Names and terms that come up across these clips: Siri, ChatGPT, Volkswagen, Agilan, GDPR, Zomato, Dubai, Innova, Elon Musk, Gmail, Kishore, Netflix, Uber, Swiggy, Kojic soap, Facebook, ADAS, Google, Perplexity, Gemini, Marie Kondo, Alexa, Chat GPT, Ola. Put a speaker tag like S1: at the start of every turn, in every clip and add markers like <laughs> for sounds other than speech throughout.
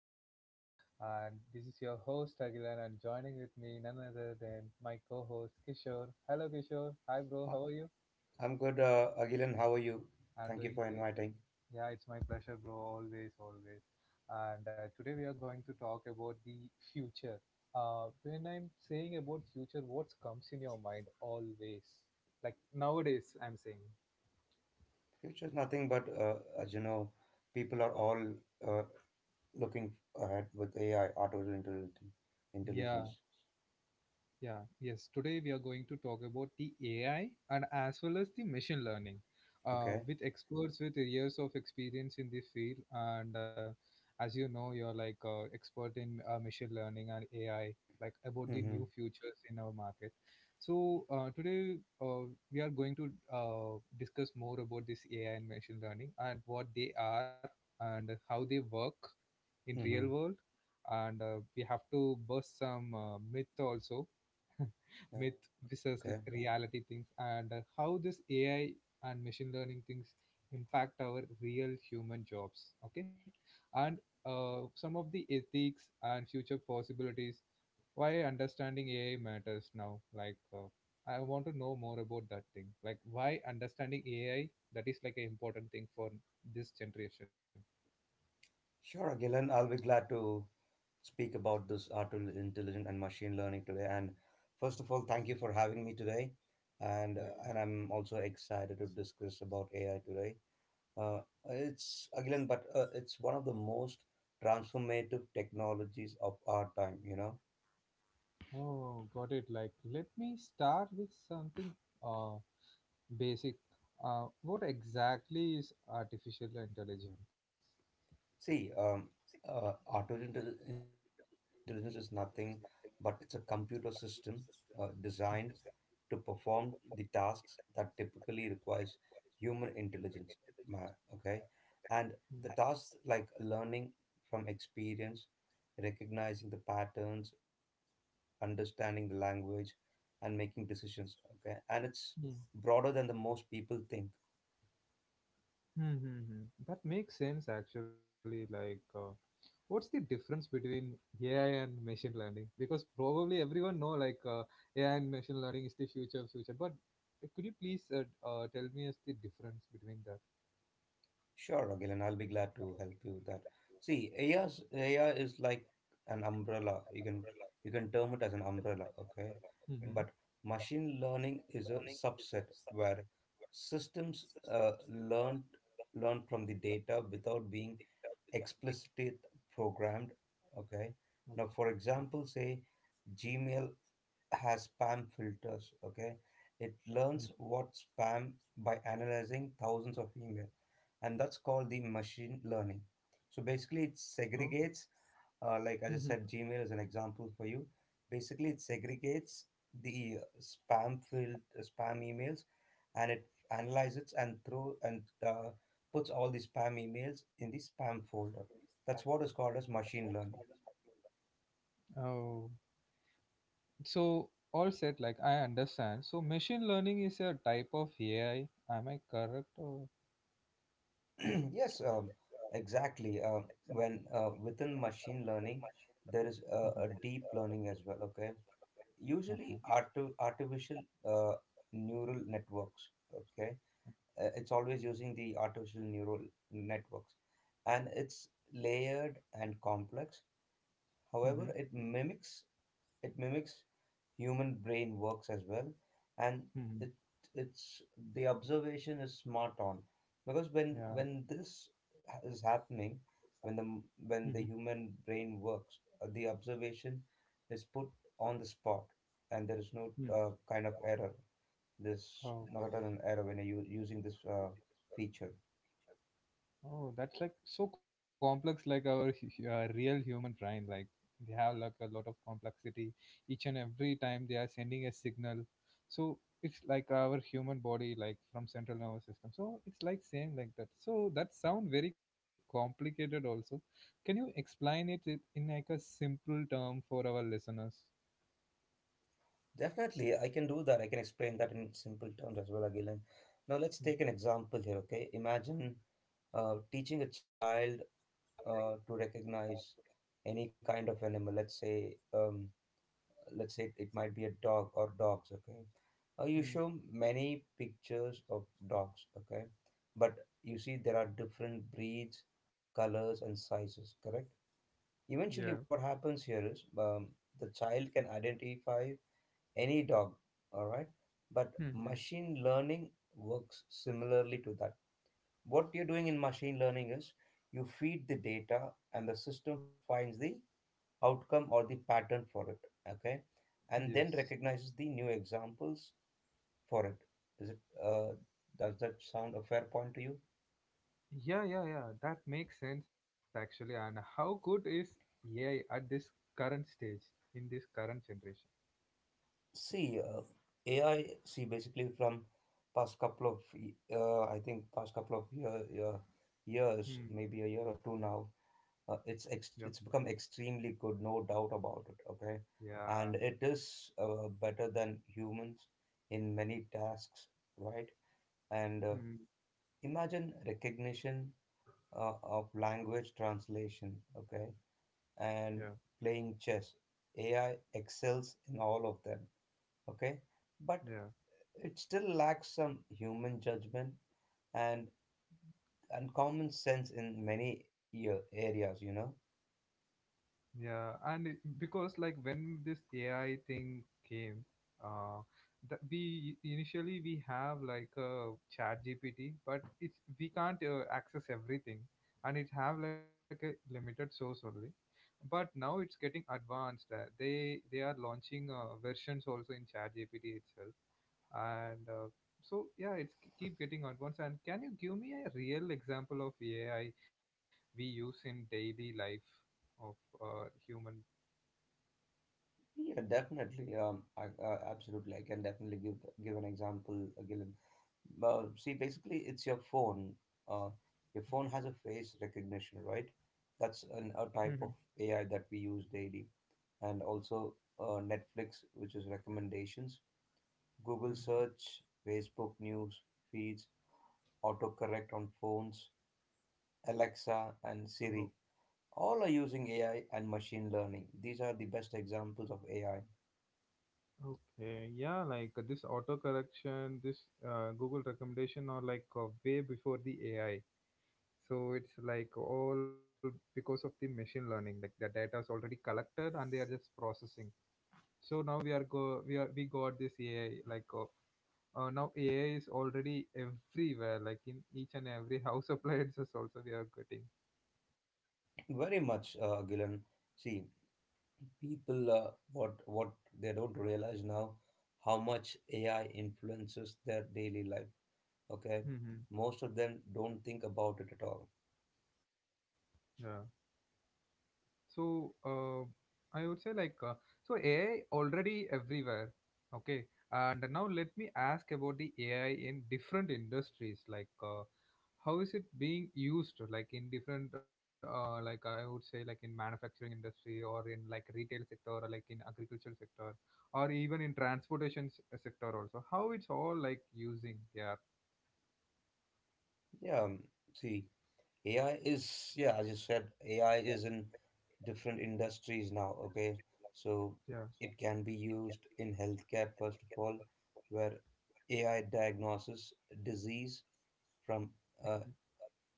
S1: of me. And this is your host Agilan and joining with me none other than my co-host Kishore. Hello Kishore. Hi bro,
S2: Hi,
S1: how are you?
S2: I'm good, Agilan. How are you?
S1: I'm
S2: Thank you
S1: doing
S2: for
S1: great.
S2: inviting.
S1: Yeah, it's my pleasure, bro. Always, always. And today we are going to talk about the future. When I'm saying about future, what comes in your mind always? Like nowadays, I'm saying.
S2: Future is nothing but, as you know, people are all uh, looking ahead with AI, artificial intelligence.
S1: Yeah,
S2: intelligence.
S1: yeah, yes. Today we are going to talk about the AI and as well as the machine learning
S2: Okay.
S1: with experts with years of experience in the field. And as you know, you're like expert in machine learning and AI, like about the
S2: Mm-hmm.
S1: new futures in our market. So today we are going to discuss more about this AI and machine learning and what they are and how they work in real
S2: Mm-hmm.
S1: world. And we have to bust some myth, also
S2: Okay.
S1: myth versus reality things, and how this AI and machine learning things impact our real human jobs, okay, and some of the ethics and future possibilities. Why understanding AI matters now? Like, I want to know more about that thing, like why understanding AI, that is like an important thing for this generation.
S2: Sure, Agilan. I'll be glad to speak about this artificial intelligence and machine learning today. And first of all, thank you for having me today.
S1: Yeah.
S2: And I'm also excited to discuss about AI today. Uh, it's again, but it's one of the most transformative technologies of our time. You know,
S1: Oh, got it. Like, let me start with something. Uh. Basic. What exactly is artificial intelligence?
S2: see, intelligence is nothing but it's a computer system designed
S1: Mm.
S2: to perform the tasks that typically requires human intelligence. Okay, and the tasks like learning from experience, recognizing the patterns, understanding the language, and making decisions. Okay, and it's
S1: Hmm, hmm.
S2: broader than the most people think.
S1: Mm, mm. That makes sense actually. Like, what's the difference between AI and machine learning? Because probably everyone know like AI and machine learning is the future of future. But could you please tell me as the difference between that?
S2: Sure, Gillian, I'll be glad to help you with that. See, AI is like an umbrella. You can term it as an umbrella, okay?
S1: <laughs>
S2: But
S1: Mm-hmm.
S2: machine learning is a subset where systems learn from the data without being explicitly programmed, okay? Now, for
S1: Okay.
S2: example, say Gmail has spam filters. Okay, it learns
S1: Okay.
S2: what spam by analyzing thousands of email, and that's called the machine learning. So basically, it
S1: Mhm. Oh.
S2: segregates. Like I
S1: Hmm.
S2: just said, Gmail is an example for you. Basically, it segregates the spam emails, and it analyzes and throw and puts all the spam emails in the spam folder. That's what is called as machine learning.
S1: Oh. So all said, like I understand. So machine learning is a type of AI. Am I correct? Or?
S2: <clears throat> Yes, exactly. When Within machine learning, there is
S1: Mhm.
S2: a deep learning as well. Okay, usually
S1: Okay.
S2: artificial uh, neural networks. Okay, it's always using the artificial neural networks, and it's layered and complex.
S1: Mm-hmm.
S2: However, it mimics human brain works as well, and it
S1: Mm-hmm.
S2: it's the observation is smart on because when
S1: Yeah.
S2: this is happening when the
S1: Mm-hmm.
S2: human brain works, the observation is put on the spot, and there is no
S1: Mm.
S2: kind of error. There's not at all an
S1: Okay.
S2: error when you're using this feature.
S1: Oh, that's like so complex, like our real human brain. Like they have like a lot of complexity each and every time they are sending a signal. So it's like our human body, like from central nervous system. So it's like same like that. So that sound very complicated also. Can you explain it in like a simple term for our listeners?
S2: Definitely, I can do that. I can explain that in simple terms as well, Agilan. Now, let's
S1: Mm,
S2: take an example here, okay? Imagine teaching a child to recognize any kind of animal. Let's say it might be a dog or dogs, okay? You
S1: mm.
S2: show many pictures of dogs, okay? But you see, there are different breeds, colors, and sizes, correct?
S1: Yeah.
S2: Eventually, what happens here is, the child can identify any dog, all right? But
S1: Mhm.
S2: machine learning works similarly to that. What you're doing in machine learning is you feed the data, and the system finds the outcome or the pattern for it, okay, and then
S1: Yes.
S2: recognizes the new examples for it. Is it, uh, does that sound a fair point to you?
S1: Yeah, yeah, yeah. That makes sense actually. And how good is AI at this current stage in this current generation?
S2: See, ai see basically from past couple of y- I think past couple of years,
S1: Hmm.
S2: maybe a year or two now,
S1: Yeah.
S2: it's become extremely good, no doubt about it. Okay,
S1: Yeah.
S2: and it is better than humans in many tasks, right? And
S1: Hmm.
S2: imagine recognition of language translation, okay,
S1: Yeah.
S2: and playing chess. AI excels in all of them, okay, but
S1: Yeah.
S2: it still lacks some human judgment and common sense in many areas, you know.
S1: Yeah, and because like when this AI thing came, uh, that we initially we have like a chat GPT, but it's we can't access everything, and it have like a limited source only. But now it's getting advanced. They are launching versions also in chat GPT itself, and so yeah it's keep getting advanced, and can you give me a real example of AI we use in daily life of human?
S2: Yeah, definitely. Absolutely. I can definitely give an example, Gillian. See, basically, it's your phone. Uh, your phone has a face recognition, right? That's a
S1: Mm-hmm.
S2: type of AI that we use daily, and also Netflix, which is recommendations, Google
S1: Mm-hmm.
S2: search, Facebook news feeds, autocorrect on phones, Alexa,
S1: Oh,
S2: and Siri. All are using AI and machine learning. These are the best examples of AI.
S1: okay, yeah, like this auto correction, this Google recommendation are like way before the AI, so it's like all because of the machine learning, like the data is already collected and they are just processing. So now we are go we are we got this AI, like now AI is already everywhere, like in each and every <laughs> house appliances also we are getting.
S2: Very much, Gilan. See, people, what they don't realize now how much AI influences their daily life. Okay,
S1: Hmm.
S2: most of them don't think about it at all.
S1: Yeah. So I would say like so AI already everywhere. Okay, and now let me ask about the AI in different industries. Like how is it being used? Like in different like I would say like in manufacturing industry or in like retail sector or like in agricultural sector or even in transportation sector also. How it's all like using? Yeah,
S2: Yeah, see, as you said, AI is in different industries now. Okay, so
S1: yeah,
S2: it can be used in healthcare, first of all, where AI diagnoses disease from uh,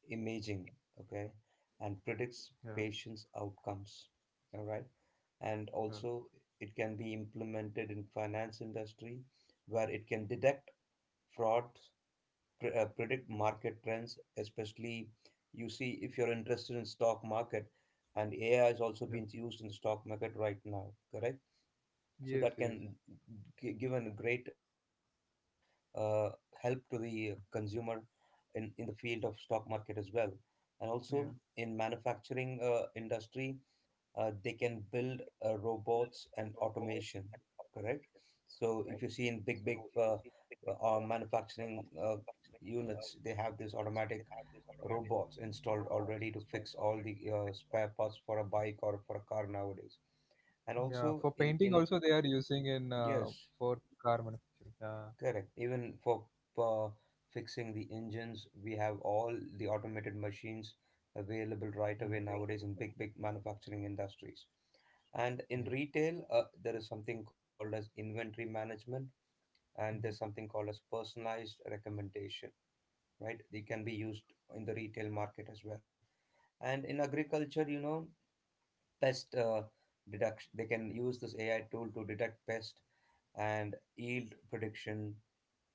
S2: imaging, okay, and
S1: yeah,
S2: predicts patients' outcomes. All right, and
S1: yeah,
S2: also it can be implemented in finance industry, where it can detect fraud, predict market trends, especially you see if you're interested in stock market, and AI is
S1: yeah.
S2: also being used in the stock market right now, correct? So that
S1: Yes,
S2: can
S1: yes,
S2: give a great uh, help to the consumer in the field of stock market as well, and also in
S1: yeah.
S2: manufacturing industry, they can build robots and automation, correct? So if you see in big, big manufacturing units, they have this automatic robots installed already to fix all the spare parts for a bike or for a car nowadays. And
S1: Yeah, for
S2: also
S1: painting
S2: in
S1: also they are using in
S2: yes.
S1: for car manufacturing. Yeah.
S2: Correct. Even for uh, fixing the engines, we have all the automated machines available right
S1: Mhm.
S2: away nowadays in big, big manufacturing industries. And in
S1: Yeah.
S2: retail, there is something called as inventory management, and there's
S1: Mhm.
S2: something called as personalized recommendation, right? They can be used in the retail market as well. And in agriculture, you know, pest deduction, they can use this AI tool to detect pest and yield prediction.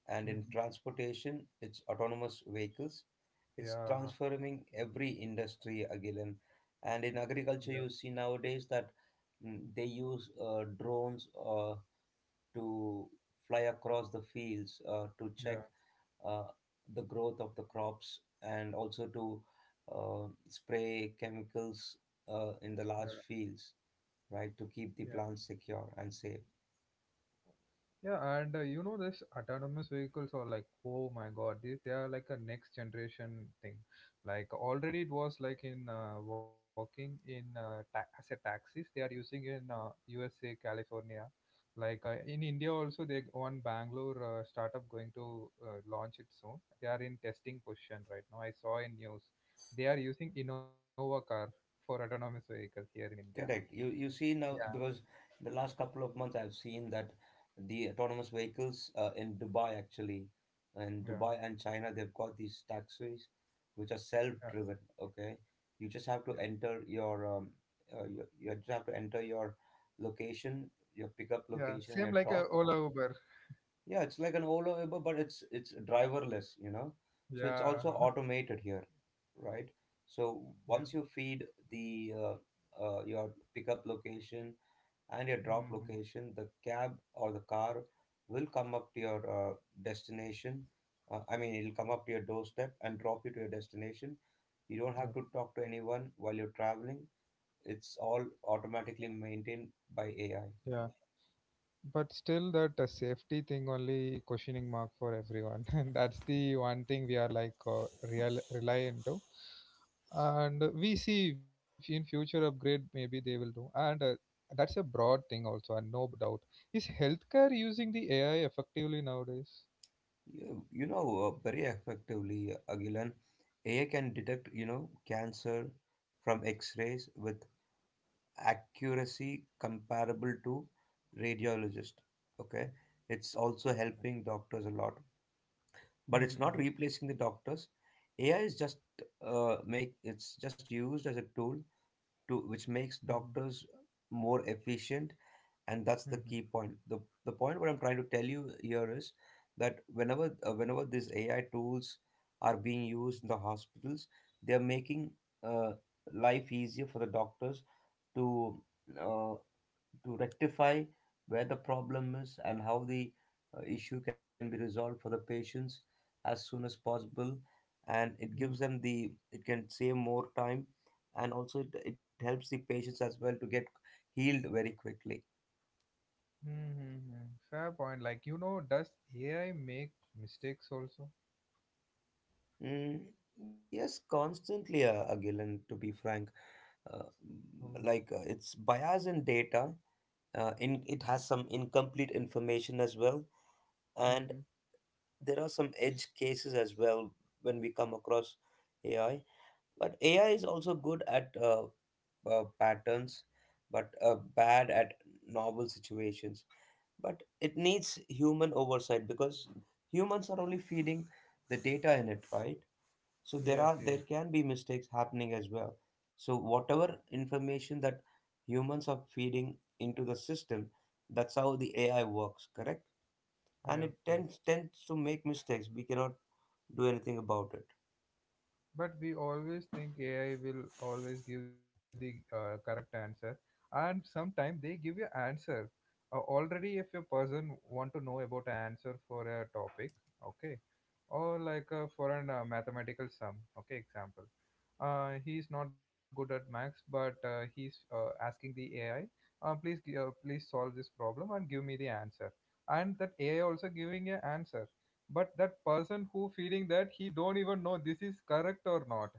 S2: And in
S1: Mhm.
S2: transportation, it's autonomous vehicles. It's
S1: Yeah.
S2: transforming every industry again. And in
S1: Yeah.
S2: agriculture, you see nowadays that, they use drones to fly across the fields to check uh, the growth of the crops, and also to spray chemicals
S1: Yeah.
S2: in the large fields, right, to keep the
S1: Yeah.
S2: plants secure and safe.
S1: Yeah, and you know, this autonomous vehicles are like, oh my God, they are like a next generation thing. Like already it was like in working in as a taxis they are using in USA, California. Like in India also, they one Bangalore startup going to launch it soon. They are in testing position right now. I saw in news they are using Innova car for autonomous vehicle here in India.
S2: Correct. You see
S1: Yeah,
S2: now, because the last couple of months I've seen that the autonomous vehicles in Dubai, actually, in
S1: yeah,
S2: Dubai and China, they've got these taxis which are
S1: yeah,
S2: self-driven. Okay, you just have to
S1: yeah.
S2: enter your you just have to enter your location, your pickup
S1: Yeah,
S2: location and
S1: same
S2: your
S1: like
S2: drop,
S1: a Ola Uber.
S2: yeah, it's like an Ola Uber, but it's driverless, you know. So it's
S1: Yeah.
S2: also automated here, right? So
S1: Yeah.
S2: once you feed the your pickup location and your drop
S1: Hmm.
S2: location, the cab or the car will come up to your destination. I mean, it'll come up to your doorstep and drop you to your destination. You don't
S1: Yeah,
S2: have to talk to anyone while you're traveling. It's all automatically maintained by AI.
S1: yeah, but still that safety thing only questioning mark for everyone, <laughs> and that's the one thing we are like real reliant to, and we see if in future upgrade maybe they will do, and that's a broad thing also, and no doubt is healthcare using the AI effectively nowadays?
S2: You know, very effectively, Agilan, AI can detect, you know, cancer from X-rays with accuracy comparable to radiologist. Okay, it's
S1: Uh,
S2: also helping doctors a lot, but it's not
S1: Mm-hmm.
S2: replacing the doctors. AI is just uh, make it's just used as a tool to which
S1: Mm-hmm.
S2: makes doctors more efficient, and that's the key point. The point what I'm trying to tell you here is that whenever these AI tools are being used in the hospitals, they're making uh, life easier for the doctors to uh, to rectify where the problem is and how the issue can be resolved for the patients as soon as possible. And it
S1: Mm.
S2: gives them the, it can save more time, and also it helps the patients as well to get healed very quickly.
S1: Mm-hmm. Fair point. Like, you know, does AI make mistakes also?
S2: Mm, yes, constantly, Agilon, to be frank.
S1: Oh.
S2: It's bias in data, it has some incomplete information as well, and there are some edge cases as well when we come across AI. But AI is also good at patterns, but bad at novel situations. But it needs human oversight, because humans are only feeding the data in it, right? So there
S1: Yes,
S2: are,
S1: yes,
S2: there can be mistakes happening as well. So whatever information that humans are feeding into the system, that's how the AI works, correct? And
S1: yes,
S2: it
S1: yes.
S2: tends to make mistakes. We cannot do anything about it.
S1: But we always think AI will always give the correct answer, and sometimes they give you answer. Already, if a person want to know about an answer for a topic, okay, or like for an mathematical sum, okay, example, he's not good at maths, but he's asking the AI, please, please solve this problem and give me the answer, and that AI also giving a answer, but that person who feeling that he don't even know this is correct or not,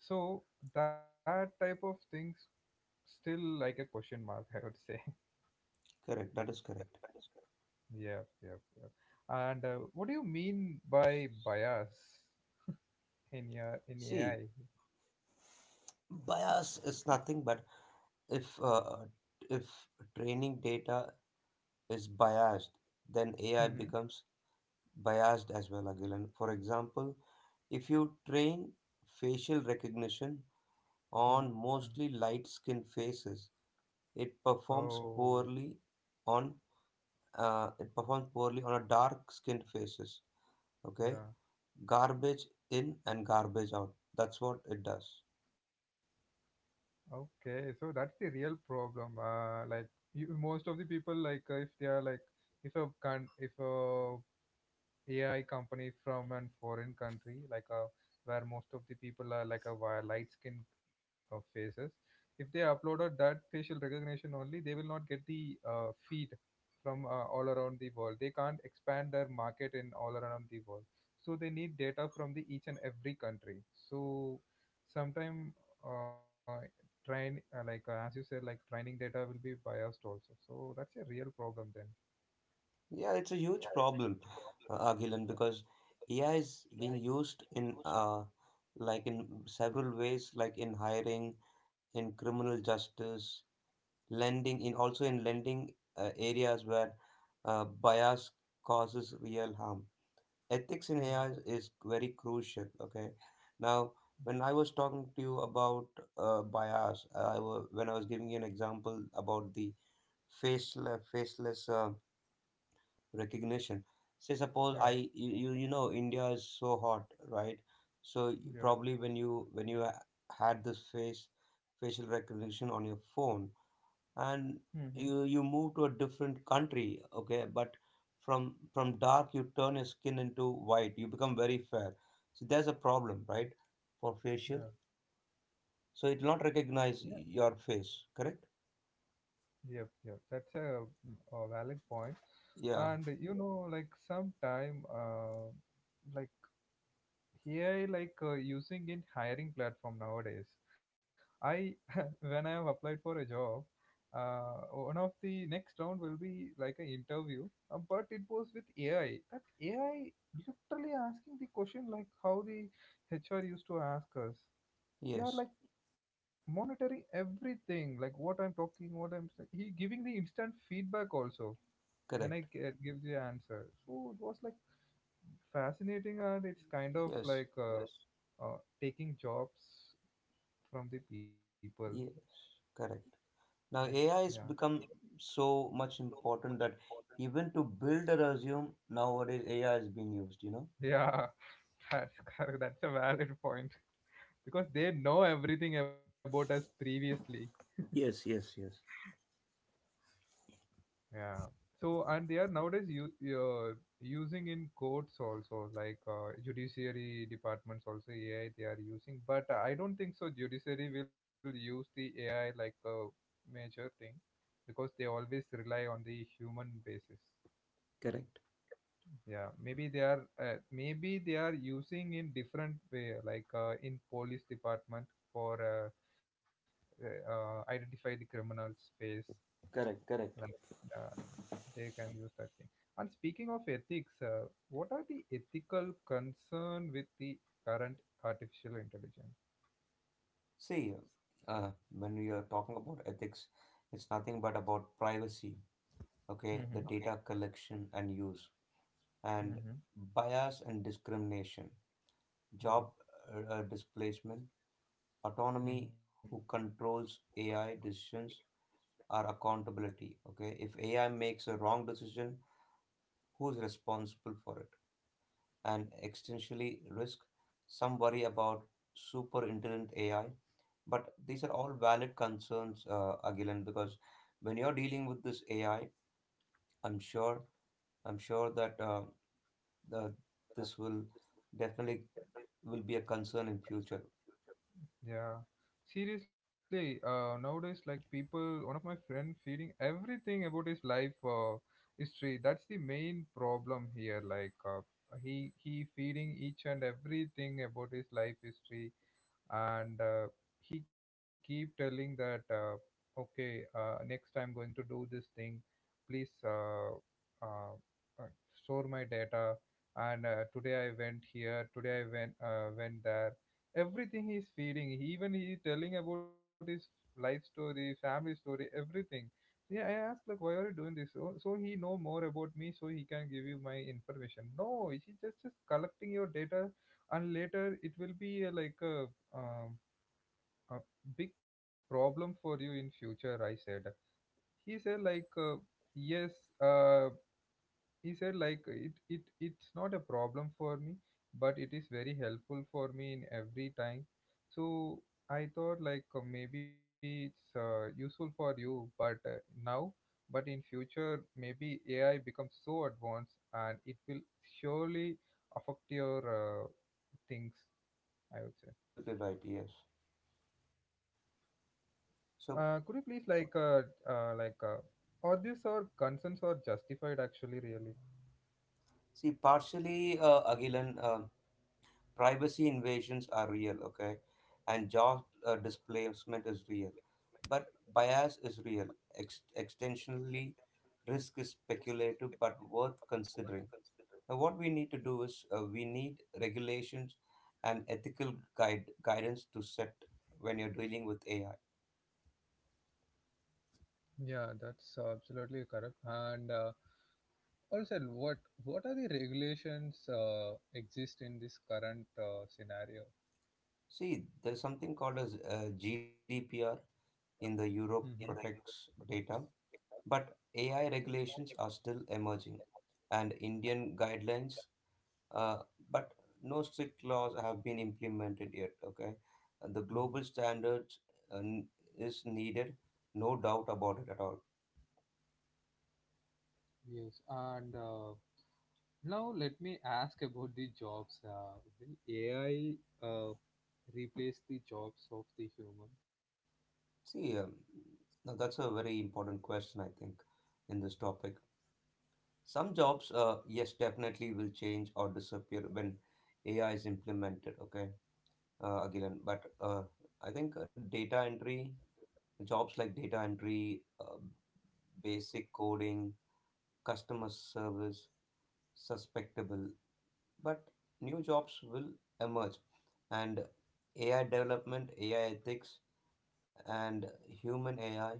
S1: so that type of things still like a question mark, I would say.
S2: Correct, that is correct.
S1: <laughs> Yeah, yeah, yeah, and what do you mean by bias in
S2: See,
S1: AI?
S2: bias is nothing but if if training data is biased, then AI
S1: Hmm.
S2: becomes biased as well. Again, for example, if you train facial recognition on
S1: Hmm.
S2: mostly light-skinned faces, it performs
S1: Oh,
S2: poorly on, it performs poorly on a dark-skinned faces. Okay,
S1: yeah,
S2: garbage in and garbage out. That's what it does.
S1: okay, so that's the real problem, like, you, most of the people, like if they are like, if a AI company from an foreign country, like a where most of the people are like a light skin faces. If they uploaded that facial recognition only, they will not get the feed from all around the world. They can't expand their market in all around the world. So they need data from the each and every country. So sometime uh, train like as you said, like training data will be biased also. So that's a real problem then.
S2: Yeah, it's a huge problem, Gillen, because AI is being used in, like in several ways, like in hiring, in criminal justice, lending, in also in lending areas where bias causes real harm. Ethics in AI
S1: Mm.
S2: is very crucial. Okay, now, when I was talking to you about bias, I was when I was giving you an example about the faceless recognition. Say, suppose I,
S1: Yeah.
S2: you know India is so hot, right?
S1: Yeah.
S2: Probably when had this face facial recognition on your phone, and
S1: Hmm.
S2: you move to a different country, okay, but from dark you turn your skin into white, you become very fair. So there's a problem, right? For facial,
S1: Yeah,
S2: so it will not
S1: yeah,
S2: recognize your face, correct?
S1: yep, yep. That's a valid point.
S2: Yeah.
S1: And you know, like, sometime, like AI, like using in hiring platform nowadays. I <laughs> when I have applied for a job, one of the next round will be like an interview, but it was with AI. That AI literally asking the question like how the HR used to ask us. They are
S2: Yes.
S1: like monitoring everything, like what I'm talking, what I'm saying, he giving the instant feedback also when I
S2: Correct.
S1: give the answer. So it was like fascinating, and it's kind of
S2: Yes,
S1: like taking jobs from the people.
S2: yes. Correct.
S1: Yeah,
S2: Now AI
S1: yeah,
S2: has become so much important that even to build a resume nowadays AI is being used.
S1: yeah, <laughs> that's correct. That's a valid point because they know everything about us previously.
S2: Yes, yes, yes.
S1: Yeah. So, and they are nowadays using in courts also, like judiciary departments also AI they are using. But I don't think so. Judiciary will use the AI like a major thing because they always rely on the human basis.
S2: Correct,
S1: Yeah. Maybe they are using in different way, like in police department for identify the criminals face,
S2: correct, correct.
S1: like. uh, they can use that thing. And speaking of ethics, what are the ethical concern with the current artificial intelligence?
S2: See, uh, when we are talking about ethics, it's nothing but about privacy, okay, the
S1: Mm-hmm.
S2: data collection and use, and
S1: Mm-hmm.
S2: bias and discrimination, job
S1: Hmm.
S2: displacement, autonomy,
S1: Mm-hmm.
S2: who controls AI decisions, or accountability. Okay, if AI makes a wrong decision, who's responsible for it? And existentially risk. Some worry about super intelligent AI, but these are all valid concerns, Agilan, because when you're dealing with this AI, I'm sure, I'm sure that the, this will definitely will be a concern in future.
S1: Yeah, seriously, nowadays, like people, one of my friend feeding everything about his life history. That's the main problem here. Like he feeding each and everything about his life history, and he keep telling that okay, next I'm going to do this thing, please, uh, uh, store my data, and today I went here, today I went there, everything he's feeding, even he telling about his life story, family story, everything. Yeah, I asked like, why are you doing this, so he know more about me, so he can give you my information? No, he's just collecting your data, and later it will be like um a big problem for you in future, I said. He said like, yes, uh, he said like it's not a problem for me, but it is very helpful for me in every time. So I thought like maybe it's useful for you, but now, but in future maybe AI becomes so advanced and it will surely affect your things, I would say.
S2: Absolutely right. Yes.
S1: Could
S2: So
S1: you please like are these our concerns are justified actually really?
S2: See, partially, Agilan. Privacy invasions are real, okay, and job displacement is real, but bias is real. Extensionally, risk is speculative but worth considering. Now, what we need to do is we need regulations and ethical guide guidance to set when you're dealing with AI.
S1: Yeah, that's absolutely correct. And also, what are the regulations exist in this current scenario?
S2: See, there's something called as GDPR in the
S1: Yeah.
S2: Europe
S1: Hmm.
S2: protects data, but AI regulations are still emerging, and Indian guidelines. Uh, but no strict laws have been implemented yet. Okay. And the
S1: Mhm.
S2: global standards uh, n- is needed, no doubt about it at all.
S1: Yes, and now let me ask about the jobs. Will AI uh, replace the jobs of the human?
S2: See, now that's a very important question, I think, in this topic. Some jobs, yes, definitely will change or disappear when AI is implemented. Okay, Agilan, but I think data entry jobs like data entry, basic coding, customer service, suspectable. But new jobs will emerge: and AI development, AI ethics, and human AI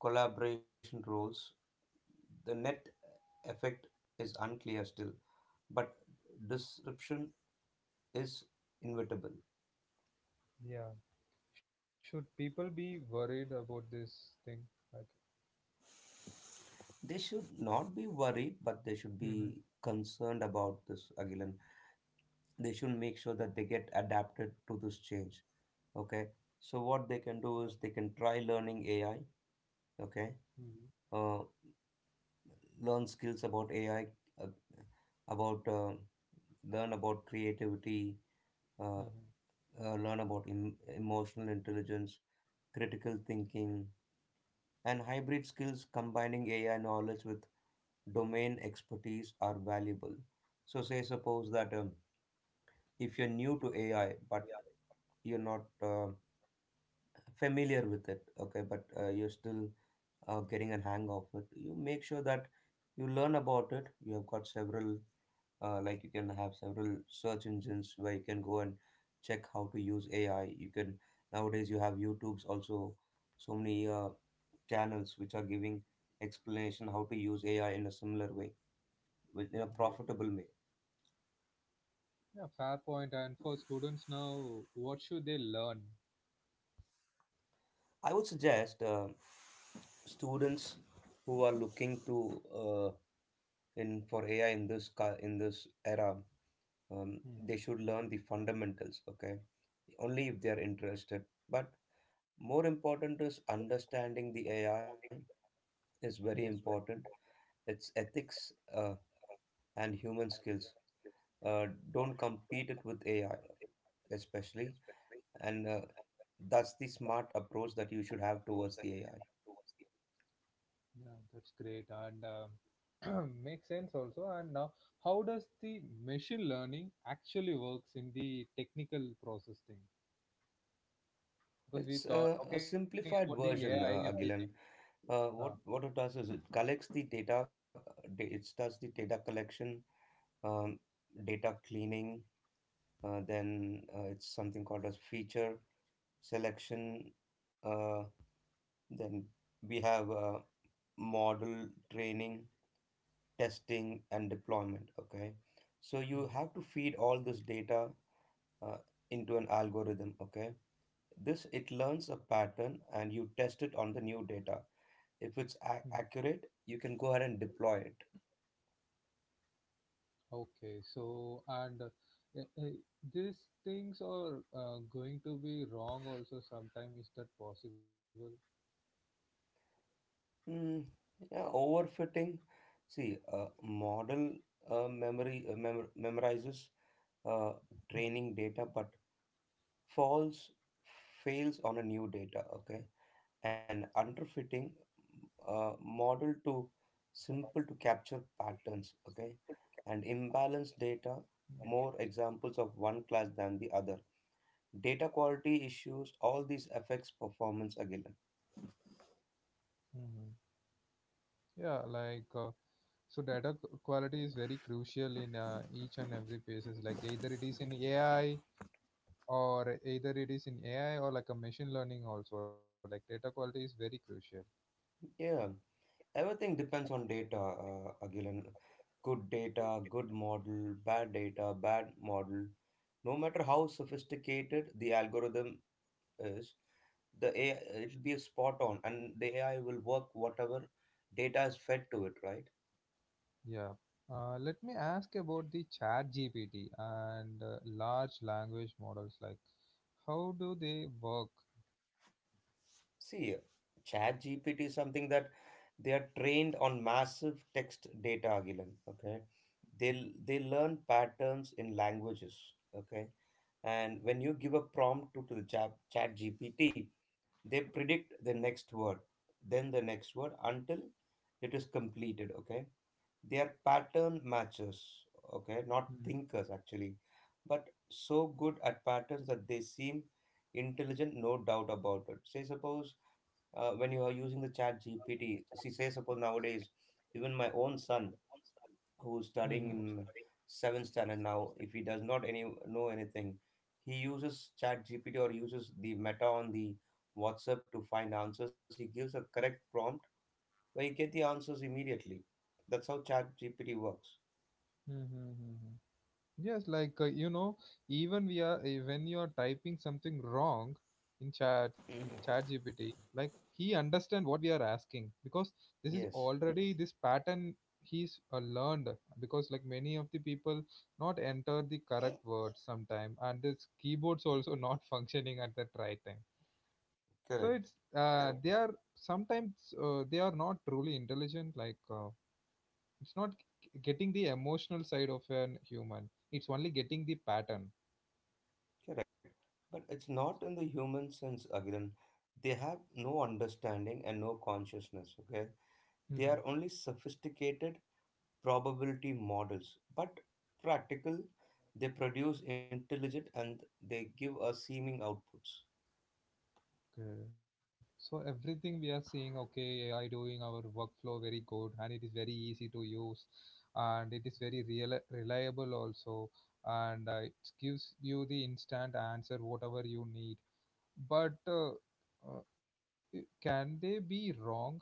S2: collaboration roles. The net effect is unclear still, but disruption is inevitable.
S1: Yeah. Should people be worried about this thing?
S2: They should not be worried, but they should
S1: Mhm.
S2: be concerned about this, Agilan. They should make sure that they get adapted to this change. Okay. So what they
S1: Yeah.
S2: can do is they can try learning AI. Okay.
S1: Mhm.
S2: Uh, Learn skills about AI, uh, about learn about creativity, uh,
S1: Mhm.
S2: learn about emotional intelligence, critical thinking, and hybrid skills combining AI knowledge with domain expertise are valuable. So, say suppose that if you're new to AI but you're not familiar with it, okay, but you're still getting a hang of it, you make sure that you learn about it. You have got several like you can have several search engines where you can go and check how to use AI. You can, nowadays you have YouTube's also, so many channels which are giving explanation how to use AI in a similar way, in a
S1: Yeah.
S2: profitable way.
S1: Yeah, fair point. And for students now, what should they learn?
S2: I would suggest students who are looking to uh, in for AI in this in this era, um, they
S1: Mhm.
S2: should learn the fundamentals. Okay, only if they are interested, but more important is understanding the AI is very
S1: Mhm.
S2: important. It's ethics and human skills. Uh, don't compete it with AI, especially. And that's the smart approach that you should have towards the AI.
S1: Yeah, that's great and <clears throat> makes sense also. And now, how does the machine learning actually works in the technical process thing? Because we
S2: It's
S1: thought
S2: a
S1: talking about the
S2: simplified
S1: AI,
S2: version,
S1: everything.
S2: Agilan.
S1: Ah.
S2: What it does is it collects the data. It does the data collection, um, data cleaning. Then it's something called as feature selection. Uh, then we have model training, testing, and deployment. Okay. So you
S1: Mhm.
S2: have to feed all this data uh, into an algorithm. Okay. This It learns a pattern and you test it on the new data. If it's
S1: Hmm.
S2: ac accurate, you can go ahead and deploy it.
S1: Okay, so and uh, uh, these things are going to be wrong also sometime. Is that possible?
S2: Mm, yeah, overfitting. See, model memorizes uh, training data, but falls fails on a new data. Okay. And underfitting, model to simple to capture patterns. Okay. And imbalanced data, more examples of one class than the other. Data quality issues, all these affects performance again.
S1: Mhm. Yeah, like so data q- quality is very crucial in each and every basis. Like either it is in AI or either it is in AI or like a machine learning also. Like data quality is very crucial.
S2: Yeah, everything depends on data, again. Good data, good model. Bad data, bad model. No matter how sophisticated the algorithm is, the AI, it'll be spot on and the AI will work whatever data is fed to it, right?
S1: Yeah. Let me ask about the Chat GPT and large language models. Like how do they work?
S2: See, Chat GPT is something that they are trained on massive text data, Agilan. Okay. They learn patterns in languages. Okay. And when you give a prompt to the chat GPT, they predict the next word, then the next word until it is completed. Okay, they are pattern matchers, okay, not
S1: Mm-hmm.
S2: thinkers actually, but so good at patterns that they seem intelligent, no doubt about it. Say suppose when you are using the chat GPT. See say suppose Nowadays, even my own son who's studying
S1: Mm-hmm.
S2: in seventh standard, now if he does not any know anything, he uses chat GPT or uses the meta on the WhatsApp to find answers. He gives a correct prompt where you get the answers immediately. That's how chat GPT works.
S1: Mm-hmm. Yes, like you know, even we are when you are typing something wrong in ChatGPT, like he understand what we are asking because this is
S2: Yes,
S1: already this pattern he's learned, because like many of the people not enter the correct words sometime and this keyboards also <laughs> not functioning at the right time. So it's
S2: correct,
S1: they are sometimes they are not truly intelligent like. It's not g- getting the emotional side of an human, it's only getting the pattern.
S2: correct. But it's not in the human sense, again. They have no understanding and no consciousness, okay? They are
S1: Mhm.
S2: only sophisticated probability models, but practical. They produce intelligent and they give us seeming outputs.
S1: Okay, so everything we are seeing. Okay, AI doing our workflow very good and it is very easy to use and it is very real, reliable also, and it gives you the instant answer whatever you need. But uh, I- can they be wrong?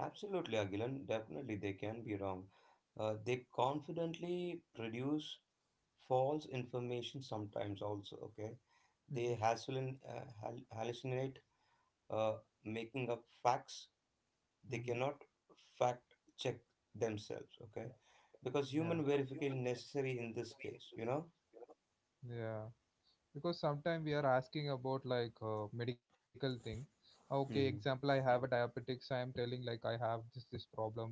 S2: Absolutely, Agilan. Definitely, they can be wrong. They confidently produce false information sometimes also, okay? They
S1: Mhm.
S2: hallucinate, uh, making up facts. They
S1: Mhm.
S2: cannot fact check themselves, okay, because human
S1: Yeah,
S2: verification necessary in this case.
S1: yeah, because sometimes we are asking about like medical thing. "Ah, okay, example,
S2: Mhm.
S1: I have a diabetics, I am telling like I have this this problem,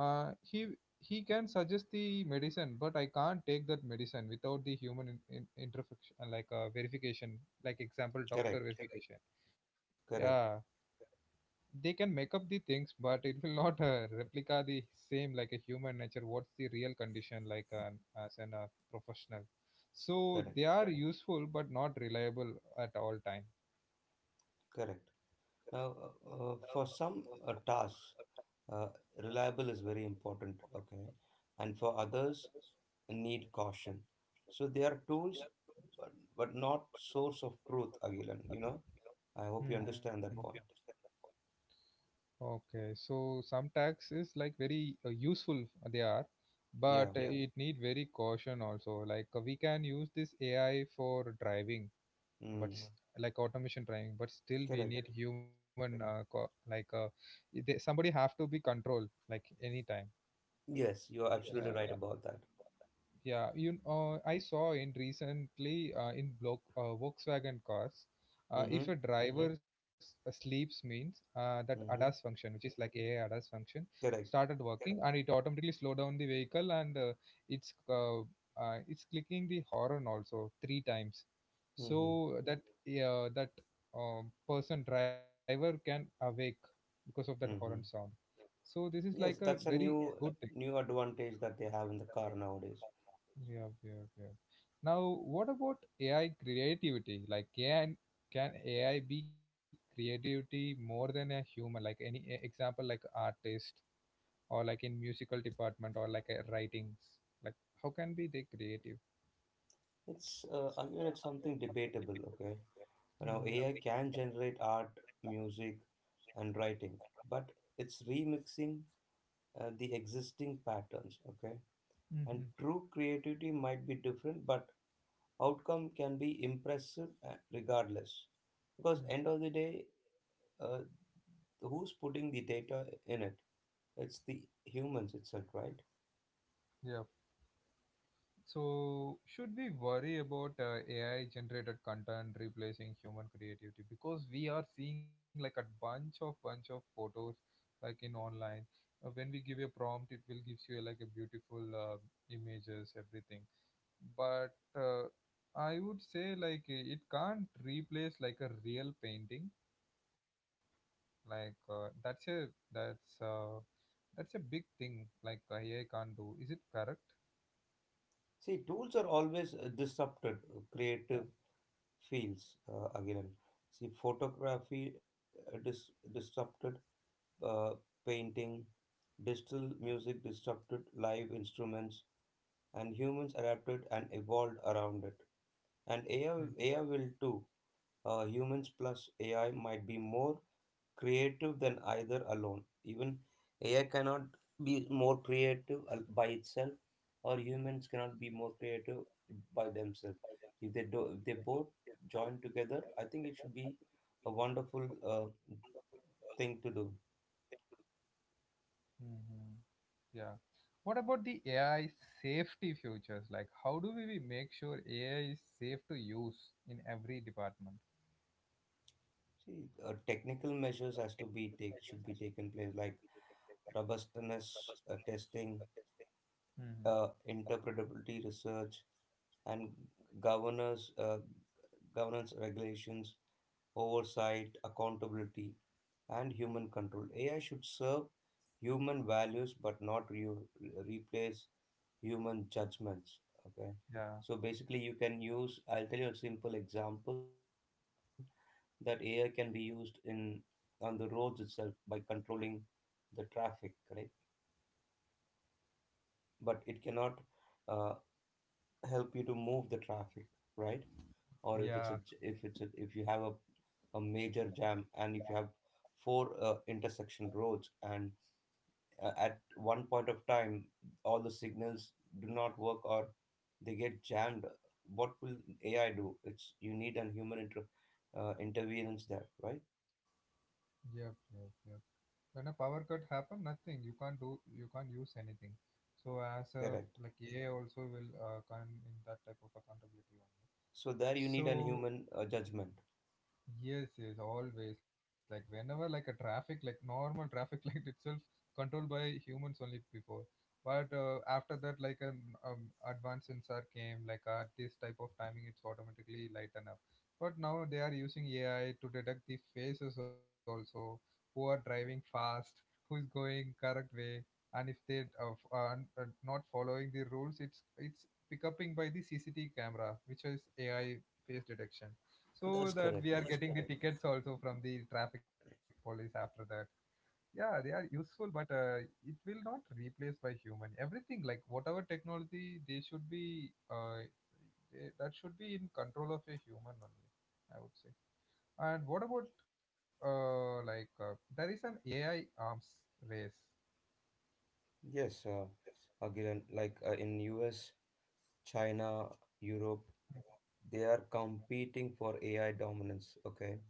S1: uh, he he can suggest the medicine but I can't take that medicine without the human in, interfection like verification, like example doctor
S2: Correct,
S1: verification. Yeah,
S2: correct,
S1: they can make up the things but it will <laughs> not replica the same like a human nature, what's the real condition like an as an professional. So they
S2: correct,
S1: are useful but not reliable at all time.
S2: correct. Now, for some tasks, uh, reliable is very important, okay, and for others need caution. So they are tools, but, but not source of truth, Agilan, you know? I
S1: I
S2: hope you understand that
S1: hmm
S2: point.
S1: point. Okay, so some tags is like very useful they are, but
S2: Yeah.
S1: it need very caution also. Like we can use this AI for driving but
S2: Mm.
S1: s- like automation driving, but still we
S2: Correct.
S1: need human co- like they, somebody have to be control like anytime.
S2: Yes, you're absolutely
S1: Yeah.
S2: right about that.
S1: Yeah, you I saw in recently in block Volkswagen cars,
S2: Mm-hmm.
S1: if a hmm driver Mhm. s- sleeps means that ADAS
S2: Mm-hmm.
S1: function, which is like AI ADAS function,
S2: Correct.
S1: started working and it automatically slowed down the vehicle and it's uh, it's clicking the horn also three times, so
S2: Mm-hmm.
S1: that uh, that person driver can awake because of that horn
S2: Mm-hmm.
S1: sound. So this is like a
S2: Yes, that's a
S1: very
S2: new
S1: good thing.
S2: new advantage that they have in the car nowadays.
S1: Yeah, yeah, yeah. Now, what about AI creativity? Like, can AI be creativity more than a human? Like any e- example, like artist or like in musical department or like writings. Like, how can be they creative?
S2: It's again, it's something debatable. Okay, now
S1: Mm-hmm.
S2: AI can generate art, music, and writing, but it's remixing the existing patterns. Okay, and true creativity might be different, but outcome can be impressive, regardless. Because
S1: Mm-hmm.
S2: end of the day, uh, who's putting the data in it? It's the humans itself, right?
S1: So, should we worry about AI generated content replacing human creativity? Because we are seeing like a bunch of photos like in online. When we give a prompt, it will gives you like a beautiful images, everything. But I would say like it can't replace like a real painting. Like that's uh, that's a big thing. Like AI can't do. Is it correct?
S2: See, tools are always disrupted
S1: Yeah.
S2: creative fields, again. See, photography disrupted uh, painting, digital
S1: Yeah.
S2: music disrupted live instruments, and humans adapted and evolved around it. And
S1: Hmm.
S2: AI will too. Humans plus AI might be more creative than either alone. Even AI cannot be more creative by itself, or humans cannot be more creative by themselves. If they both join together, I think it should be a wonderful thing to do.
S1: Mhm. Yeah. What about the AI safety futures? Like, how do we make sure AI is safe to use in every department?
S2: See, technical measures has to be take should be taken place like robustness testing,
S1: Hmm.
S2: interpretability research, and governors governance regulations, oversight, accountability, and human control. AI should serve human values but not replace human judgments. Okay,
S1: Yeah,
S2: so basically, you can use. I'll tell you a simple example that AI can be used in on the roads itself by controlling the traffic, right? But it cannot uh, help you to move the traffic, right? or if it's a
S1: yeah,
S2: j- if it's a, if you have a major jam and if you have four intersection roads, and at one point of time all the signals do not work or they get jammed, what will AI do? It's you need an human interference there, right?
S1: yep, yep, yep. When a power cut happen, nothing. You can't do. You can't use anything. So as a
S2: Correct.
S1: like AI also will come in that type of accountability only.
S2: So there you need an
S1: So
S2: human judgment.
S1: yes, yes, always. Like whenever like a traffic, like normal traffic <laughs> light itself, controlled by humans only before. But after that, like an advanced sensor came, like at this type of timing, it's automatically lighten up. But now they are using AI to detect the faces also, who are driving fast, who is going correct way, and if they f- are not following the rules, it's pick upping by the CCTV camera, which is AI face detection, so
S2: That's
S1: that
S2: correct.
S1: we are getting the tickets also from the traffic police after that. Yeah, they are useful but it will not replace by human everything. Like whatever technology, they should be that should be in control of a human only, I would say. And what about like there is an AI arms race.
S2: Yes, again, like in US, China, Europe, they are competing for AI dominance. Okay,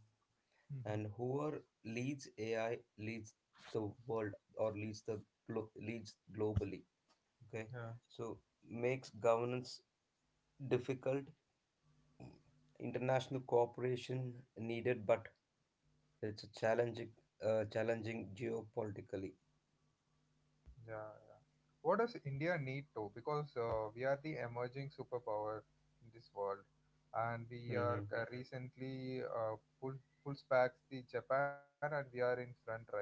S2: and
S1: Mhm.
S2: whoever leads AI leads the world, or leads the glo- leads globally. Okay.
S1: Yeah.
S2: So makes governance difficult. International cooperation needed, but it's challenging geopolitically.
S1: Yeah, yeah. What does India need to? Because we are the emerging superpower in this world, and we
S2: hmm
S1: are recently pulls back the Japan, and we are in front right now,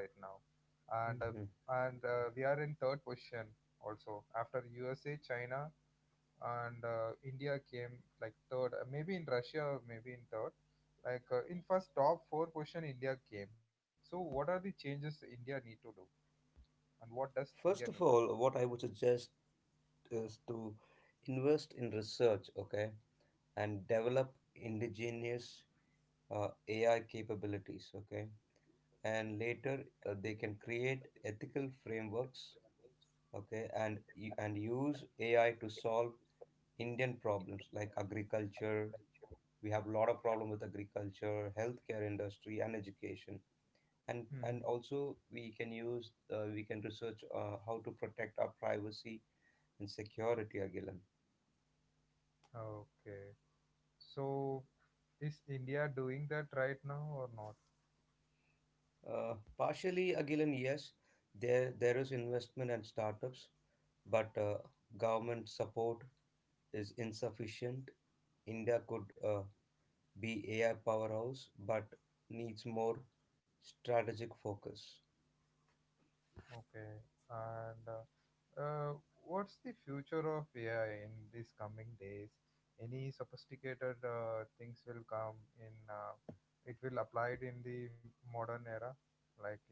S1: and
S2: hmm
S1: we are in third position also after USA, China, and India came like third, maybe in Russia, maybe in third. Like in first top four position, India came. So what are the changes India need to do, and what does India
S2: First
S1: need to
S2: of
S1: do?
S2: all, what I would suggest is to invest in research, okay, and develop indigenous AI capabilities. Okay, and later they can create ethical frameworks. Okay, and use AI to solve Indian problems like agriculture. We have a lot of problem with agriculture, healthcare industry and education. And
S1: Mhm.
S2: also we can use, we can research, how to protect our privacy and security, Agilan.
S1: Okay. So is India doing that right now or not?
S2: Partially, Agilan, yes. There is investment and startups, but government support is insufficient. India could be AI powerhouse, but needs more strategic focus.
S1: Okay. And uh, what's the future of AI in these coming days? Any sophisticated things will come in. It will applied in the modern era, like in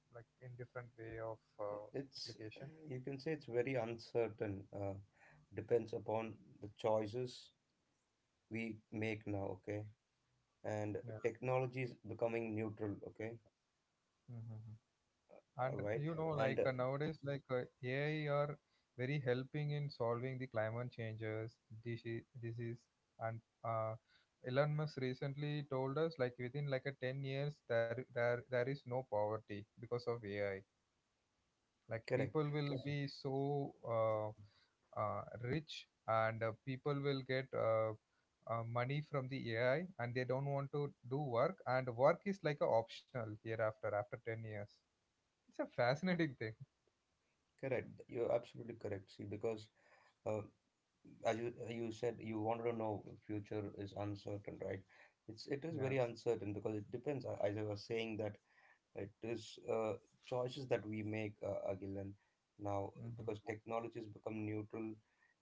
S1: different way of
S2: It's
S1: application.
S2: You can say it's very uncertain. Depends upon the choices we make now. Okay, and
S1: Yeah.
S2: technology is becoming neutral. Okay,
S1: Hmm.
S2: all
S1: And
S2: right,
S1: you know,
S2: and
S1: like nowadays, like AI are very helping in solving the climate changes, disease, and uh, Elon Musk recently told us like within like a 10 years there is no poverty because of AI. Like
S2: correct.
S1: people will Correct. Be so rich, and people will get money from the AI and they don't want to do work, and work is like a optional hereafter after 10 years. It's a fascinating thing.
S2: Correct. You're absolutely correct. See, because uh, as you said, you wanted to know if future is uncertain, right? It is
S1: Yeah.
S2: very uncertain because it depends. As I was saying, that it is choices that we make, Agilan, now because
S1: Hmm.
S2: technology has become neutral.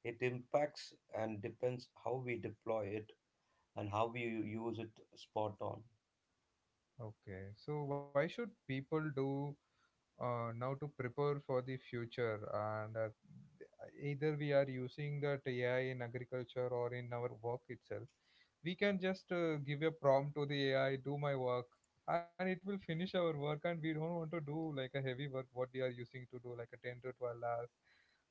S2: It impacts and depends how we deploy it and how we use it spot on.
S1: Okay. So why should people do now to prepare for the future? And either we are using that AI in agriculture or in our work itself. We can just give a prompt to the AI, do my work, and it will finish our work. And we don't want to do like a heavy work what we are using to do like a 10 to 12 hours.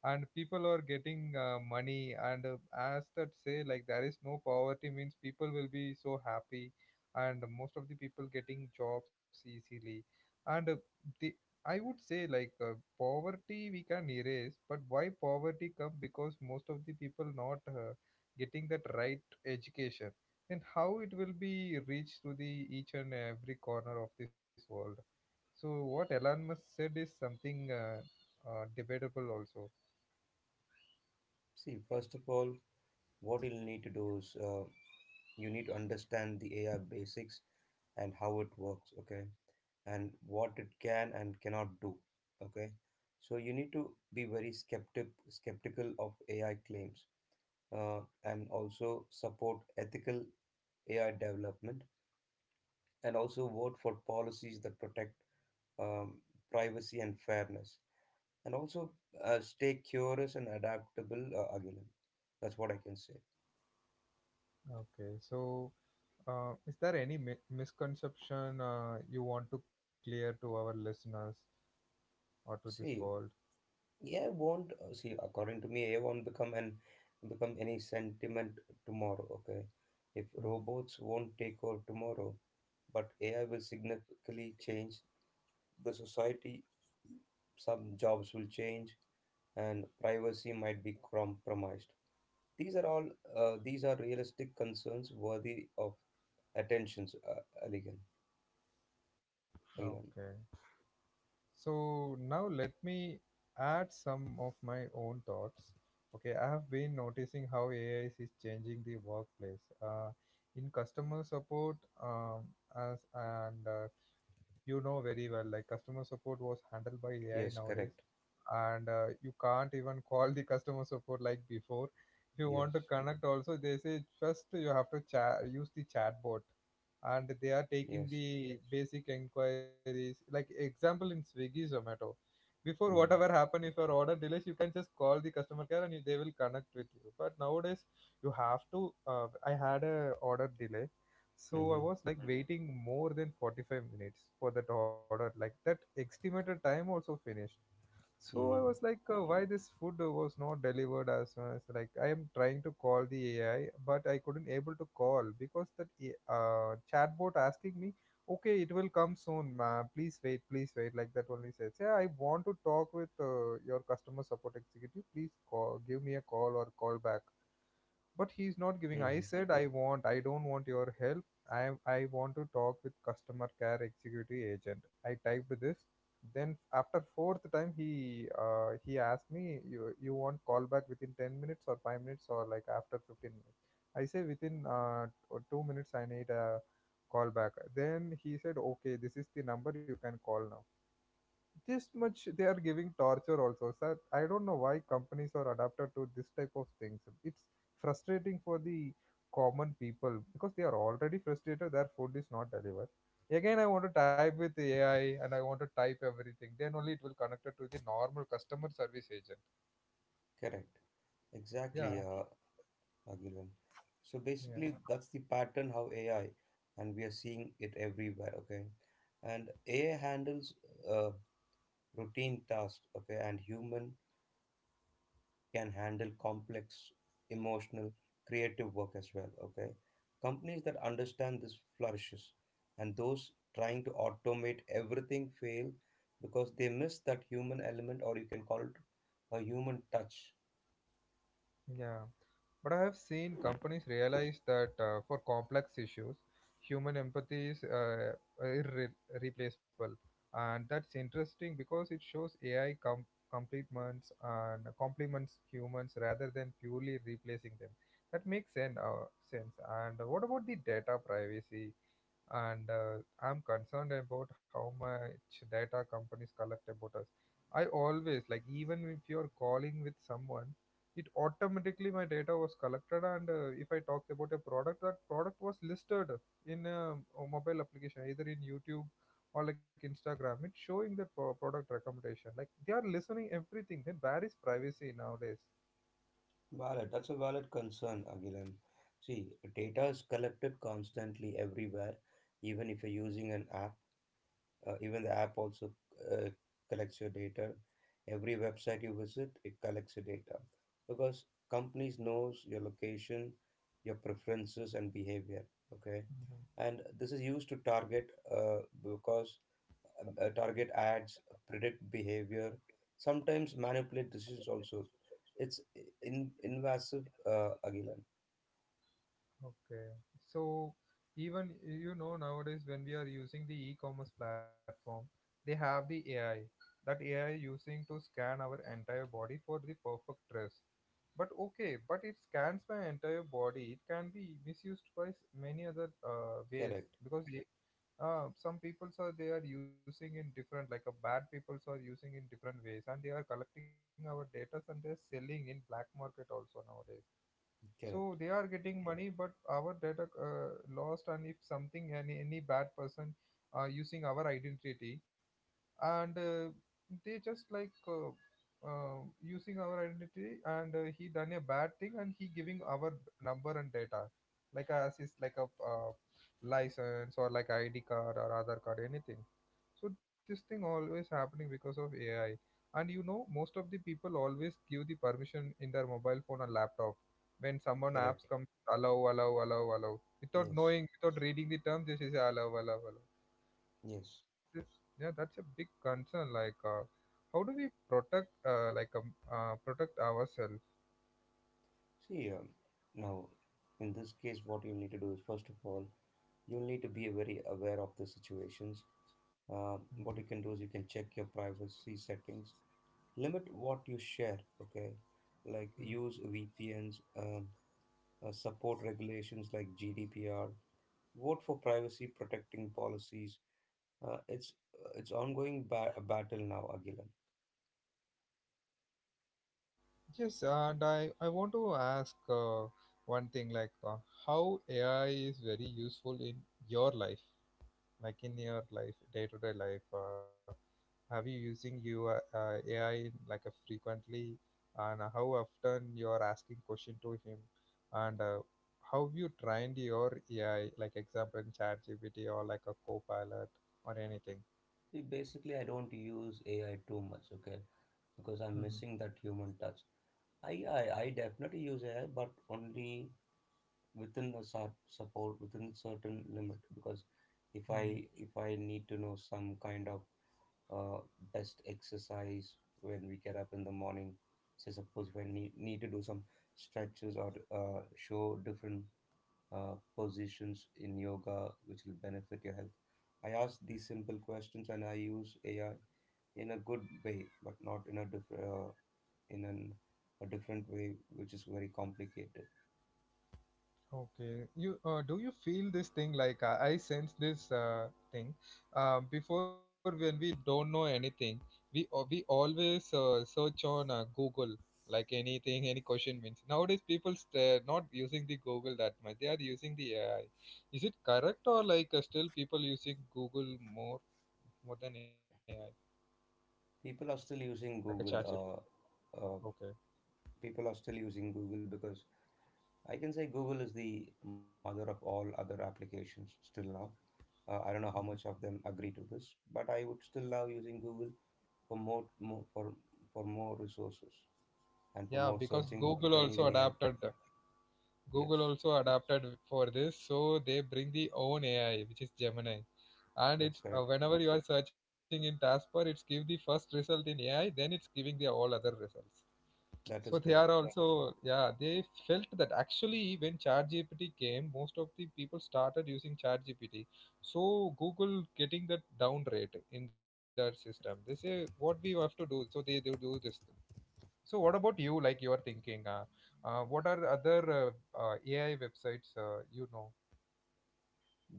S1: And people are getting money, and as that say, like there is no poverty means people will be so happy and most of the people getting jobs easily, and the I would say like poverty we can erase, but why poverty come? Because most of the people not getting that right education, and how it will be reached to the each and every corner of this world. So what Elon Musk said is something debatable also.
S2: See, first of all, what you'll need to do is you need to understand the AI basics and how it works, okay, and what it can and cannot do, okay. So you need to be very skeptical of AI claims uh, and also support ethical AI development, and also vote for policies that protect um, privacy and fairness, and also stay curious and adaptable, Agilan. That's what I can say.
S1: Okay, so is there any mi- misconception you want to clear to our listeners or to this world?
S2: See, AI won't uh, see according to me, AI won't become any sentiment tomorrow. Okay, if
S1: Mhm.
S2: robots won't take over tomorrow, but AI will significantly change the society. Some jobs will change, and privacy might be compromised. These are all these are realistic concerns worthy of attentions. Aligan,
S1: Okay.
S2: Aligan.
S1: So now let me add some of my own thoughts. Okay, I have been noticing how AI is changing the workplace. In customer support, as and you know very well, like customer support was handled by AI
S2: Yes,
S1: nowadays.
S2: correct.
S1: And you can't even call the customer support like before. If you
S2: Yes,
S1: want to connect also, they say first you have to chat use the chatbot, and they are taking
S2: yes.
S1: the basic inquiries. Like example in Swiggy Zomato, before whatever
S2: Mm.
S1: happen, if your order delays you can just call the customer care and you, they will connect with you. But nowadays you have to I had a order delay, so I
S2: Mm-hmm.
S1: was like waiting more than 45 minutes for that order, like that estimated time also finished. So I was
S2: Mm-hmm.
S1: like, why this food was not delivered? As soon as like I am trying to call the AI, but I couldn't able to call because that A- chatbot asking me, okay, it will come soon, ma. Please wait, please wait. Like that only says, yeah, I want to talk with your customer support executive. Please call, give me a call or call back, but he's not giving.
S2: Mm-hmm.
S1: I said I want, I don't want your help. I I want to talk with customer care executive agent. I typed this. Then after fourth time he asked me, you want call back within 10 minutes or 5 minutes or like after 15 minutes. I say within 2 minutes I need a call back. Then he said, okay, this is the number you can call now. Just much they are giving torture also, sir. I don't know why companies are adapted to this type of things. It's frustrating for the common people because they are already frustrated, their food is not delivered. Again I want to type with AI and I want to type everything, then only it will connect it to the normal customer service agent.
S2: Correct. Exactly,
S1: Yeah. Exactly.
S2: Agilan. So basically, that's the pattern how AI, and we are seeing it everywhere. Okay, and AI handles uh, routine tasks. Okay, and human can handle complex emotional creative work as well, okay. Companies that understand this flourishes, and those trying to automate everything fail because they miss that human element, or you can call it a human touch.
S1: Yeah, yeah. But I have seen companies realize that for complex issues, human empathy is irreplaceable. And that's interesting because it shows complements and complements humans rather than purely replacing them. That makes sense. And what about the data privacy? And I'm concerned about how much data companies collect about us. I always like, even if you're calling with someone, it automatically my data was collected. And If I talk about a product, that product was listed in a mobile application, either in YouTube or like Instagram. It's showing the product recommendation. Like they are listening everything. Then where is privacy nowadays?
S2: Valid, that's a valid concern, Agilan. See, data is collected constantly everywhere, even if you're using an app. Even the app also uh, collects your data. Every website you visit, it collects your data, because companies knows your location, your preferences and behavior. Okay,
S1: Mhm.
S2: and this is used to target ads, predict behavior, sometimes manipulate decisions also. It's in invasive, Agilan.
S1: Okay. So even, you know, nowadays when we are using the e-commerce platform, they have the AI. That AI using to scan our entire body for the perfect dress. But okay, but it scans my entire body. It can be misused by many other ways,
S2: Correct,
S1: because some peoples are, they are using in different, like, a bad peoples are using in different ways and they are collecting our data and they're selling in black market also nowadays. So
S2: correct,
S1: they are getting money, but our data lost. And if something, any bad person using our identity, and they just like using our identity, and he done a bad thing and he giving our number and data, like as is like a license or like ID card or other card, anything. So this thing always happening because of AI. And you know, most of the people always give the permission in their mobile phone or laptop. When someone apps
S2: correct.
S1: come, allow, allow, allow, allow, without
S2: Yes,
S1: knowing, without reading the terms, they say allow, allow, allow.
S2: yes.
S1: This, yeah, that's a big concern. Like, how do we protect, protect ourselves?
S2: See, now in this case, what you need to do is first of all, you'll need to be very aware of the situations.
S1: Mm,
S2: What you can do is you can check your privacy settings, limit what you share, okay? Like
S1: mm.
S2: use VPNs, support regulations like GDPR, vote for privacy protecting policies. Uh, it's it's ongoing battle now, Agilan.
S1: Yes. And I want to ask one thing, like, how AI is very useful in your life, like in your life day to day life. Have you using your AI in, like, a frequently, and how often you are asking question to him, and how you trained your AI, like example in ChatGPT or like a Copilot or anything?
S2: See, basically, I don't use AI too much, okay? Because I'm
S1: Mm-hmm.
S2: missing that human touch. I definitely use AI, but only within a sort support within certain limit. Because if I need to know some kind of uh, best exercise when we get up in the morning, say suppose if I need to do some stretches or show different positions in yoga which will benefit your health. I ask these simple questions and I use AI in a good way, but not in a in an, a different way, which is very complicated.
S1: Okay, you do you feel this thing, like, I sense this thing before. When we don't know anything, we always search on Google, like anything, any question means. Nowadays people not using the Google that much. They are using the AI. Is it correct, or like still people using Google more than AI
S2: People are still
S1: like a
S2: using
S1: chat GPT?
S2: Google. Uh,
S1: Okay.
S2: People are still using Google because I can say Google is the mother of all other applications still now. I don't know how
S1: Mhm.
S2: much of them agree to this, but I would still love using Google for more, for more resources, and for
S1: Yeah,
S2: more
S1: because
S2: searching
S1: Google
S2: if I need
S1: also
S2: any help.
S1: adapted.
S2: Yes,
S1: Google also adapted for this, so they bring the own AI, which is Gemini. And it's
S2: that's correct.
S1: whenever you are searching in taskbar, it's give the first result in AI, then it's giving the all other results. So
S2: That is
S1: they are
S2: correct.
S1: also, yeah, they felt that actually when ChatGPT came, most of the people started using ChatGPT. So Google getting that down rate in their system. They say what we have to do, so they do this. So, what about you? Like you are thinking, what are other AI websites, you know,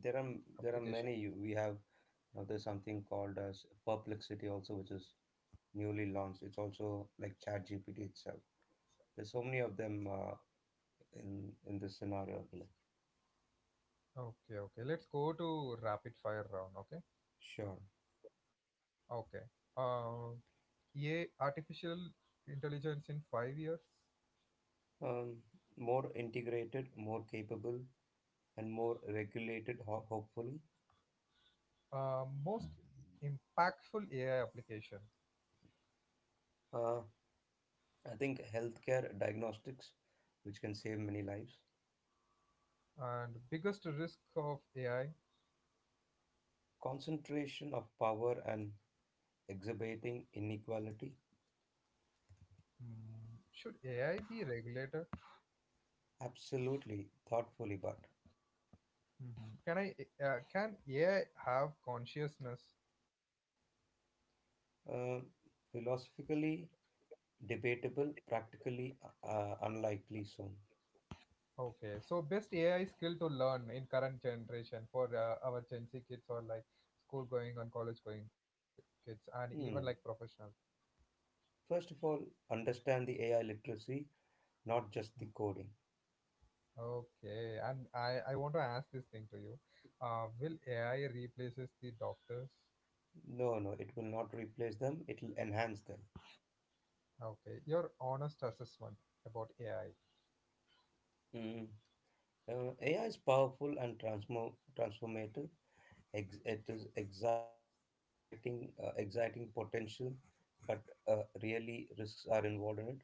S2: There are there are
S1: application?
S2: many. We have now there's something called as Perplexity also, which is newly launched. It's also like ChatGPT itself. There's so many of them in this scenario. Akhil.
S1: Okay, okay. Let's go to rapid fire round. Okay,
S2: Sure.
S1: okay. Uh, AI, artificial intelligence in 5 years.
S2: Um, more integrated, more capable, and more regulated. Hopefully,
S1: Most impactful AI application,
S2: uh, I think healthcare diagnostics, which can save many lives.
S1: and biggest risk of AI.
S2: Concentration of power and exacerbating inequality?
S1: Hmm, should AI be regulated?
S2: Absolutely, thoughtfully, but
S1: Mhm. Can AI have consciousness?
S2: uh, philosophically debatable, practically unlikely soon.
S1: Okay, so best AI skill to learn in current generation for our Gen Z kids, or like school going and college going kids, and even like
S2: Hmm.
S1: professionals.
S2: First of all, understand the AI literacy, not just
S1: Mm.
S2: the coding.
S1: Okay, and I want to ask this thing to you. Will AI replaces the doctors?
S2: No, no, it will not replace them, it will enhance them.
S1: Okay, your honest assessment about AI.
S2: Mm. AI is powerful and transformative. It is exciting, exciting potential, but really risks are involved in it.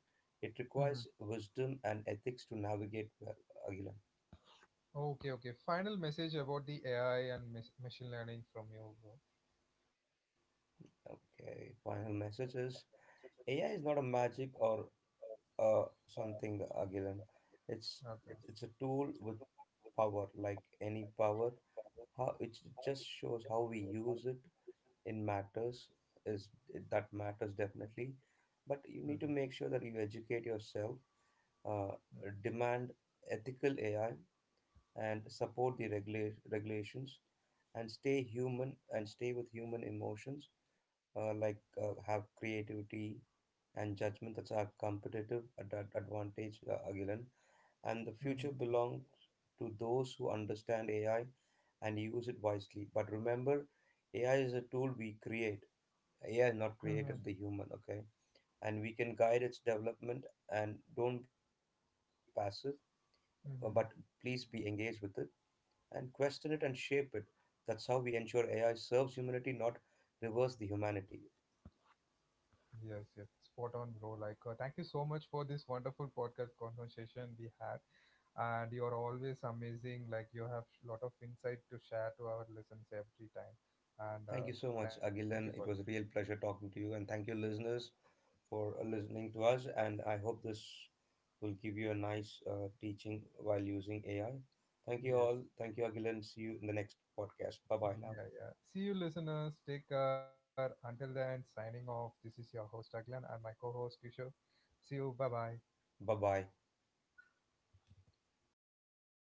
S2: It requires
S1: Hmm.
S2: wisdom and ethics to navigate well, Agilan.
S1: Okay, okay. Final message about the AI and machine learning from you, bro.
S2: Okay, final message is AI is not a magic or something, Agilan. It's
S1: Okay.
S2: it's a tool with power, like any power. How it just shows how we use it. In matters is That matters definitely, but you need
S1: Hmm.
S2: to make sure that you educate yourself. Uh, demand ethical AI and support the regulations, and stay human and stay with human emotions, have creativity and judgment. That's our competitive advantage, Agilan. And the future
S1: Hmm.
S2: belongs to those who understand AI and use it wisely. But remember, AI is a tool we create. AI is not
S1: Hmm.
S2: created the human, okay, and we can guide its development. And don't be passive, but please
S1: Hmm.
S2: be engaged with it, and question it and shape it. That's how we ensure AI serves humanity, not reverse the humanity.
S1: Yes, yes. Spot on, bro. Like, thank you so much for this wonderful podcast conversation we had. And you're always amazing. Like, you have a lot of insight to share to our listeners every time. And
S2: Thank you so much,
S1: thank you for.
S2: Agilan. It was a real pleasure talking to you, and thank you, listeners, for listening to us. And I hope this will give you a nice teaching while using AI. Thank you
S1: Yes.
S2: all. Thank you, Agilan. See you in the next podcast. Bye bye now.
S1: Yeah, yeah. See you, listeners. Take care. Until then, signing off. This is your host, Aglan, and my co host, Kishore. See you. Bye bye.
S2: Bye bye.